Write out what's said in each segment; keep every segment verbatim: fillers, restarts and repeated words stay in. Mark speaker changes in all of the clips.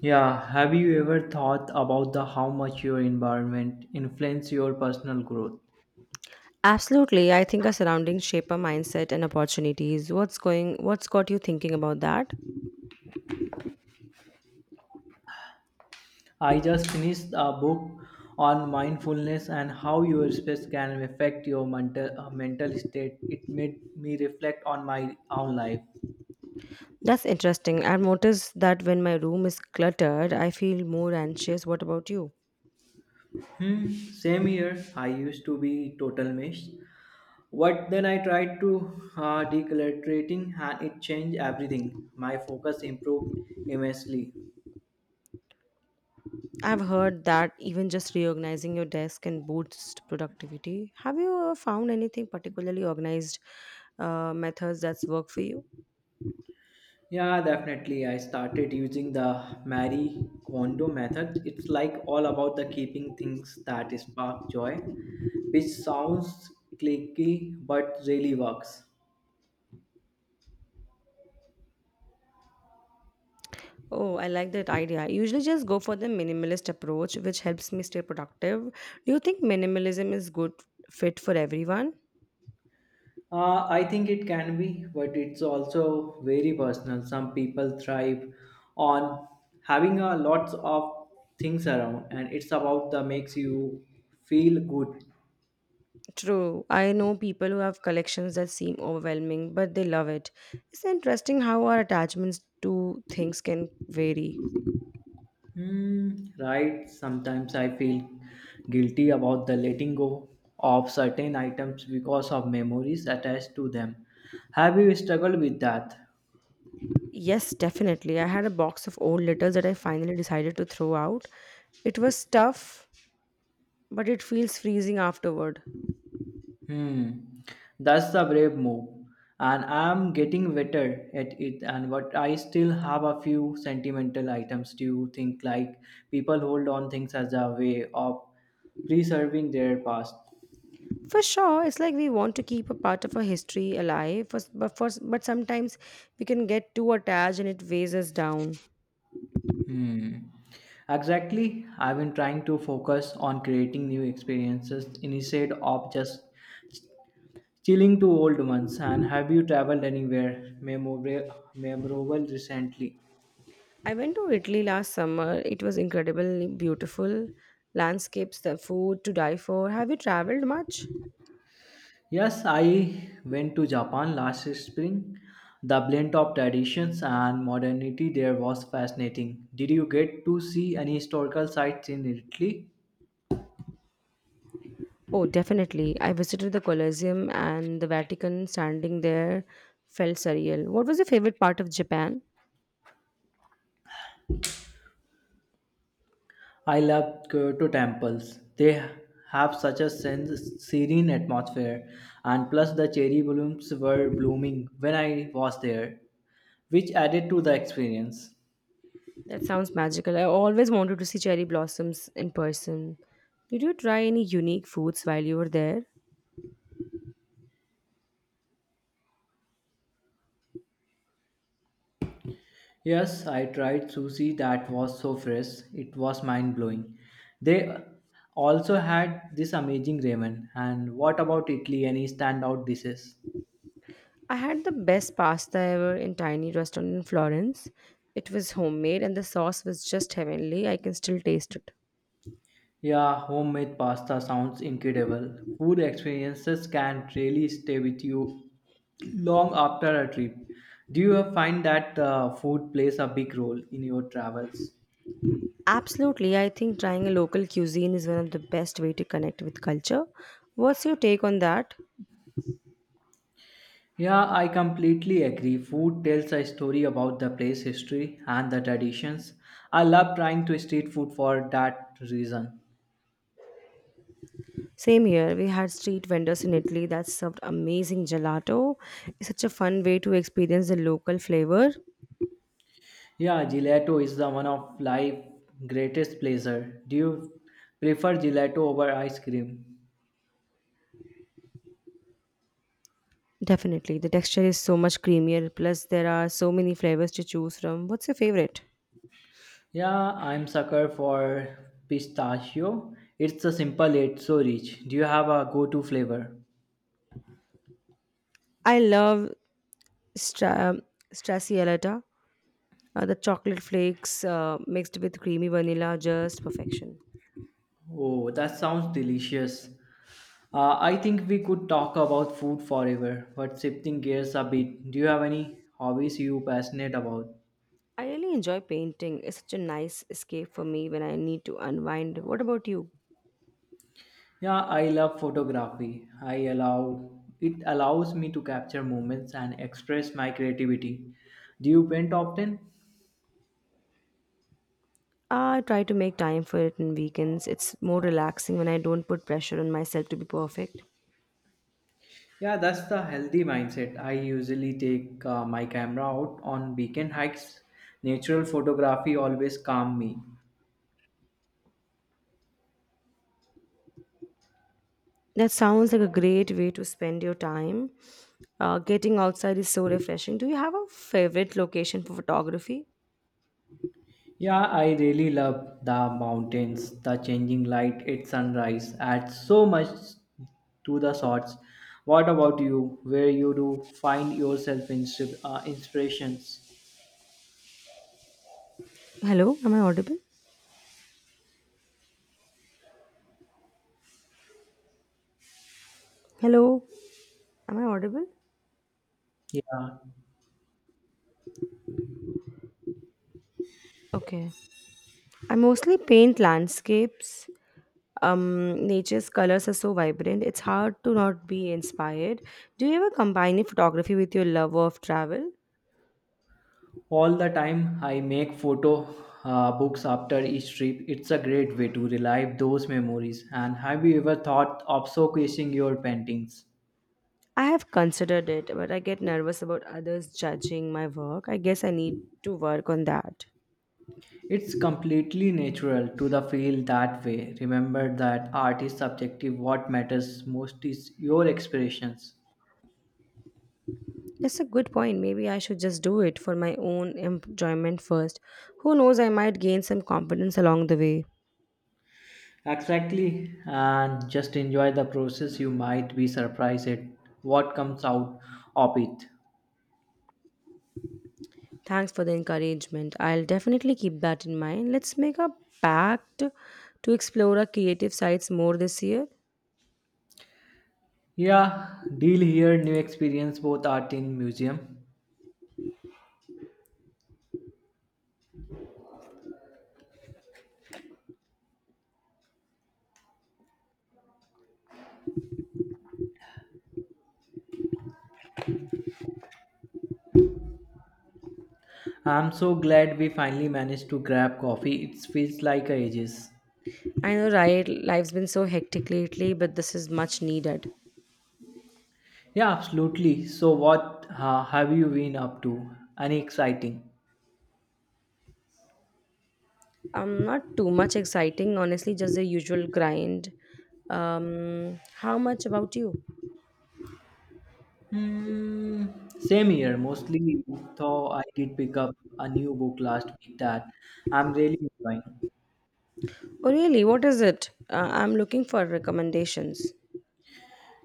Speaker 1: Yeah, have you ever thought about the how much your environment influence your personal growth?
Speaker 2: Absolutely. I think our surroundings shape our mindset and opportunities. What's going what's got you thinking about that?
Speaker 1: I just finished a book on mindfulness and how your space can affect your mental uh, mental state. It made me reflect on my own life.
Speaker 2: That's interesting. I've noticed that when my room is cluttered, I feel more anxious. What about you?
Speaker 1: Hmm, same here. I used to be total mess, What then I tried to uh, decluttering and it changed everything. My focus improved immensely.
Speaker 2: I've heard that even just reorganizing your desk can boost productivity. Have you uh, found anything particularly organized uh, methods that's work for you?
Speaker 1: Yeah, definitely. I started using the Marie Kondo method. It's like all about the keeping things that spark joy, which sounds clicky but really works.
Speaker 2: Oh, I like that idea. I usually just go for the minimalist approach, which helps me stay productive. Do you think minimalism is good fit for everyone?
Speaker 1: Uh, I think it can be, but it's also very personal. Some people thrive on having a lots of things around, and it's about the makes you feel good.
Speaker 2: True. I know people who have collections that seem overwhelming, but they love it. It's interesting how our attachments to things can vary.
Speaker 1: Hmm, right. Sometimes I feel guilty about the letting go of certain items because of memories attached to them. Have you struggled with that?
Speaker 2: Yes, definitely. I had a box of old letters that I finally decided to throw out. It was tough, but it feels freezing afterward.
Speaker 1: Hmm, that's a brave move, and I'm getting better at it. And but I still have a few sentimental items. Do you think like people hold on things as a way of preserving their past?
Speaker 2: For sure, it's like we want to keep a part of our history alive, but, but, for, but sometimes we can get too attached and it weighs us down.
Speaker 1: Hmm. Exactly. I've been trying to focus on creating new experiences instead of just chilling to old ones. And have you traveled anywhere memorable, memorable recently?
Speaker 2: I went to Italy last summer. It was incredibly beautiful. Landscapes, the food to die for. Have you traveled much?
Speaker 1: Yes, I went to Japan last spring. The blend of traditions and modernity there was fascinating. Did you get to see any historical sites in Italy?
Speaker 2: Oh, definitely. I visited the Colosseum and the Vatican standing there felt surreal. What was your favorite part of Japan?
Speaker 1: I love Kyoto temples. They have such a sense, serene atmosphere, and plus the cherry blooms were blooming when I was there, which added to the experience.
Speaker 2: That sounds magical. I always wanted to see cherry blossoms in person. Did you try any unique foods while you were there?
Speaker 1: Yes, I tried sushi that was so fresh, it was mind blowing. They also had this amazing ramen. And what about Italy? Any standout dishes?
Speaker 2: I had the best pasta ever in tiny restaurant in Florence. It was homemade and the sauce was just heavenly. I can still taste it.
Speaker 1: Yeah, homemade pasta sounds incredible. Food experiences can really stay with you long after a trip. Do you find that uh, food plays a big role in your travels?
Speaker 2: Absolutely. I think trying a local cuisine is one of the best way to connect with culture. What's your take on that?
Speaker 1: Yeah, I completely agree. Food tells a story about the place history and the traditions. I love trying to street food for that reason.
Speaker 2: Same here. We had street vendors in Italy that served amazing gelato. It's such a fun way to experience the local flavor.
Speaker 1: Yeah, gelato is the one of life greatest pleasure. Do you prefer gelato over ice cream?
Speaker 2: Definitely. The texture is so much creamier. Plus, there are so many flavors to choose from. What's your favorite?
Speaker 1: Yeah, I'm sucker for pistachio. It's a simple yet so rich. Do you have a go-to flavor?
Speaker 2: I love stra- um, Stracciatella. Uh, the chocolate flakes uh, mixed with creamy vanilla, just perfection.
Speaker 1: Oh, that sounds delicious. Uh, I think we could talk about food forever, but shifting gears a bit. Do you have any hobbies you passionate about?
Speaker 2: I really enjoy painting. It's such a nice escape for me when I need to unwind. What about you?
Speaker 1: Yeah, I love photography. I allow it allows me to capture moments and express my creativity. Do you paint often?
Speaker 2: I try to make time for it in weekends. It's more relaxing when I don't put pressure on myself to be perfect.
Speaker 1: Yeah, that's the healthy mindset. I usually take uh, my camera out on weekend hikes. Natural photography always calm me.
Speaker 2: That sounds like a great way to spend your time. Uh, getting outside is so refreshing. Do you have a favorite location for photography?
Speaker 1: Yeah, I really love the mountains, the changing light at sunrise adds so much to the shots. What about you? Where you do find yourself in uh, inspirations?
Speaker 2: Hello, am I audible? Hello, am I audible?
Speaker 1: Yeah,
Speaker 2: Okay. I mostly paint landscapes. Um, nature's colors are so vibrant, it's hard to not be inspired. Do you ever combine photography with your love of travel?
Speaker 1: all the time I make photo uh, books after each trip. It's a great way to relive those memories. And have you ever thought of showcasing your paintings?
Speaker 2: I have considered it, but I get nervous about others judging my work. I guess I need to work on that.
Speaker 1: It's completely natural to the feel that way. Remember that art is subjective. What matters most is your expressions.
Speaker 2: That's a good point. Maybe I should just do it for my own enjoyment first. Who knows, I might gain some confidence along the way.
Speaker 1: Exactly, and just enjoy the process. You might be surprised at what comes out of it.
Speaker 2: Thanks for the encouragement. I'll definitely keep that in mind. Let's make a pact to explore our creative sides more this year.
Speaker 1: Yeah, deal. Here new experience both art in museum. I'm so glad we finally managed to grab coffee. It feels like ages.
Speaker 2: I know, right? Life's been so hectic lately, but this is much needed.
Speaker 1: Yeah, absolutely. So, what uh, have you been up to? Any exciting?
Speaker 2: I'm not too much exciting, honestly, just the usual grind. Um, how much about you?
Speaker 1: Hmm, same here. Mostly, though, I did pick up a new book last week that I'm really enjoying.
Speaker 2: Oh, really? What is it? Uh, I'm looking for recommendations.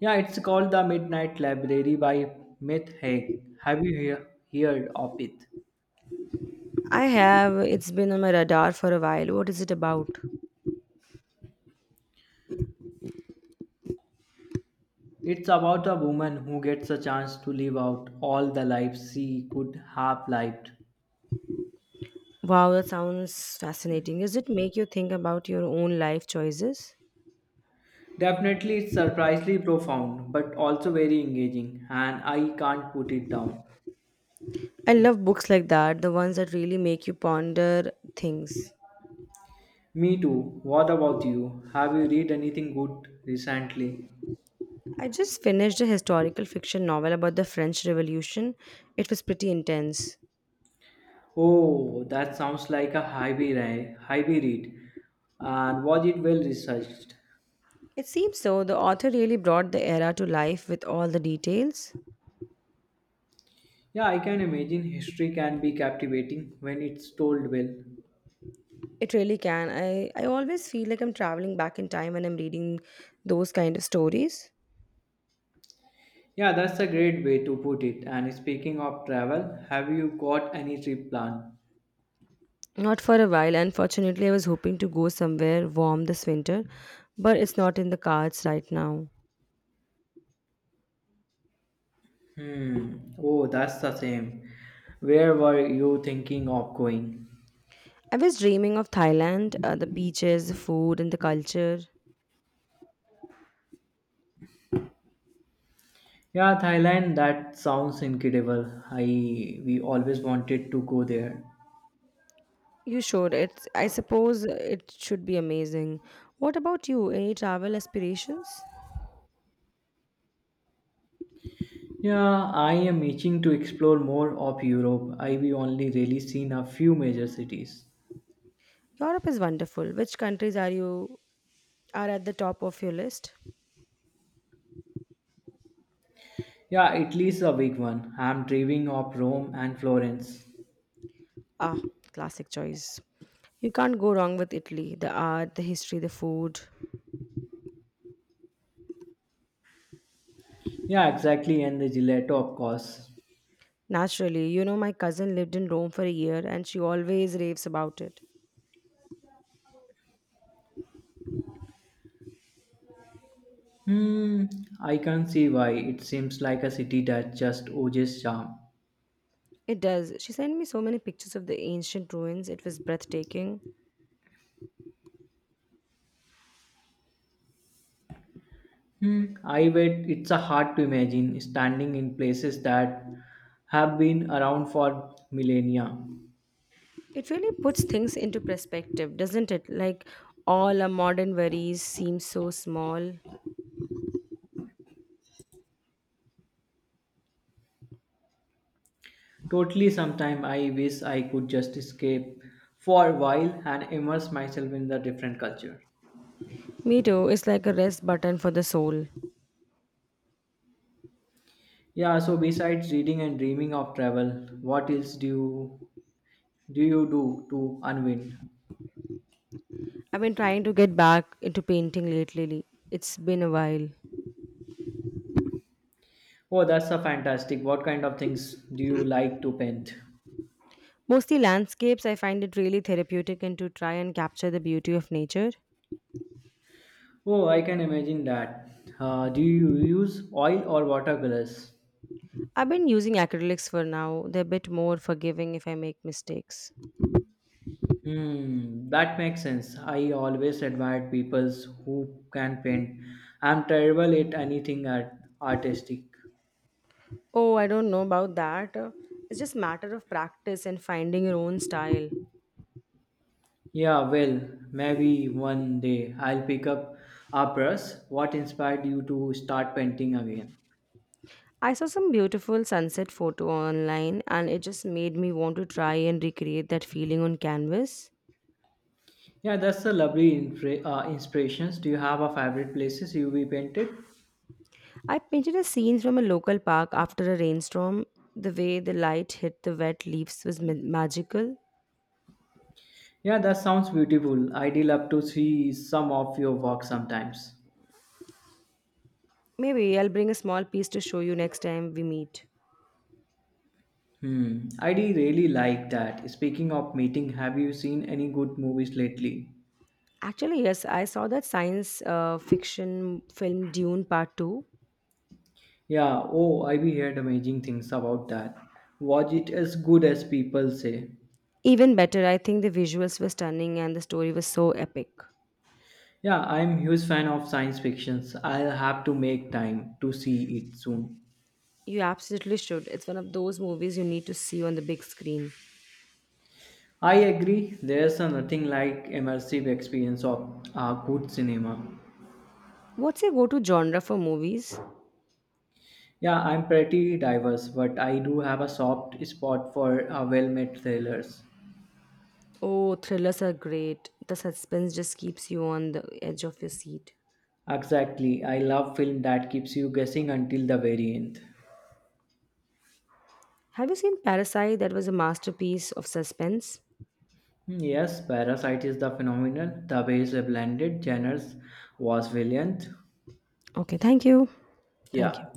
Speaker 1: Yeah, it's called The Midnight Library by Myth Haig. Have you he- heard of it?
Speaker 2: I have. It's been on my radar for a while. What is it about?
Speaker 1: It's about a woman who gets a chance to live out all the lives she could have lived.
Speaker 2: Wow, that sounds fascinating. Does it make you think about your own life choices?
Speaker 1: Definitely, it's surprisingly profound, but also very engaging, and I can't put it down.
Speaker 2: I love books like that, the ones that really make you ponder things.
Speaker 1: Me too. What about you? Have you read anything good recently?
Speaker 2: I just finished a historical fiction novel about the French Revolution. It was pretty intense.
Speaker 1: Oh, that sounds like a heavy, ri- heavy read. And was it well researched?
Speaker 2: It seems so. The author really brought the era to life with all the details.
Speaker 1: Yeah, I can imagine history can be captivating when it's told well.
Speaker 2: It really can. I, I always feel like I'm traveling back in time when I'm reading those kind of stories.
Speaker 1: Yeah, that's a great way to put it. And speaking of travel, have you got any trip planned?
Speaker 2: Not for a while. Unfortunately, I was hoping to go somewhere warm this winter, but it's not in the cards right now.
Speaker 1: Hmm. Oh, that's the same. Where were you thinking of going?
Speaker 2: I was dreaming of Thailand, uh, the beaches, the food, and the culture.
Speaker 1: Yeah, Thailand. That sounds incredible. I we always wanted to go there.
Speaker 2: You should. It's, I suppose it should be amazing. What about you? Any travel aspirations?
Speaker 1: Yeah, I am itching to explore more of Europe. I've only really seen a few major cities.
Speaker 2: Europe is wonderful. Which countries are you are at the top of your list?
Speaker 1: Yeah, Italy's a big one. I'm dreaming of Rome and Florence.
Speaker 2: Ah, classic choice. You can't go wrong with Italy. The art, the history, the food.
Speaker 1: Yeah, exactly, and the gelato, of course.
Speaker 2: Naturally, you know my cousin lived in Rome for a year and she always raves about it.
Speaker 1: Hmm, I can see why. It seems like a city that just oozes charm.
Speaker 2: It does. She sent me so many pictures of the ancient ruins. It was breathtaking.
Speaker 1: Hmm, I bet it's a hard to imagine standing in places that have been around for millennia.
Speaker 2: It really puts things into perspective, doesn't it? Like all our modern worries seem so small.
Speaker 1: Totally, sometime I wish I could just escape for a while and immerse myself in the different culture.
Speaker 2: Me too, it's like a rest button for the soul.
Speaker 1: Yeah, so besides reading and dreaming of travel, what else do you do you do to unwind?
Speaker 2: I've been trying to get back into painting lately. It's been a while.
Speaker 1: Oh, that's a fantastic. What kind of things do you like to paint?
Speaker 2: Mostly landscapes, I find it really therapeutic and to try and capture the beauty of nature.
Speaker 1: Oh, I can imagine that. Uh, do you use oil or watercolors?
Speaker 2: I've been using acrylics for now. They're a bit more forgiving if I make mistakes.
Speaker 1: Hmm, that makes sense. I always admired people who can paint. I'm terrible at anything art- artistic.
Speaker 2: Oh, I don't know about that. Uh, It's just matter of practice and finding your own style.
Speaker 1: Yeah, well, maybe one day I'll pick up a brush. What inspired you to start painting again?
Speaker 2: I saw some beautiful sunset photo online and it just made me want to try and recreate that feeling on canvas.
Speaker 1: Yeah, that's a lovely infra- uh, inspirations. Do you have a favorite places you be painted?
Speaker 2: I painted a scene from a local park after a rainstorm. The way the light hit the wet leaves was ma- magical.
Speaker 1: Yeah, that sounds beautiful. I'd love to see some of your work sometimes.
Speaker 2: Maybe I'll bring a small piece to show you next time we meet.
Speaker 1: Hmm, I do really like that. Speaking of meeting, have you seen any good movies lately?
Speaker 2: Actually, yes, I saw that science uh, fiction film Dune Part two.
Speaker 1: Yeah, oh, I've heard amazing things about that. Was it as good as people say?
Speaker 2: Even better, I think the visuals were stunning and the story was so epic.
Speaker 1: Yeah, I'm huge fan of science fictions. I'll have to make time to see it soon.
Speaker 2: You absolutely should. It's one of those movies you need to see on the big screen.
Speaker 1: I agree, there's a nothing like immersive experience of uh, good cinema.
Speaker 2: What's your go to genre for movies?
Speaker 1: Yeah, I'm pretty diverse, but I do have a soft spot for uh, well-made thrillers.
Speaker 2: Oh, thrillers are great. The suspense just keeps you on the edge of your seat.
Speaker 1: Exactly. I love film that keeps you guessing until the very end.
Speaker 2: Have you seen Parasite? That was a masterpiece of suspense.
Speaker 1: Hmm, Yes, Parasite is the phenomenon. The way it's blended genres was brilliant.
Speaker 2: Okay, thank you. Thank you.
Speaker 1: Yeah.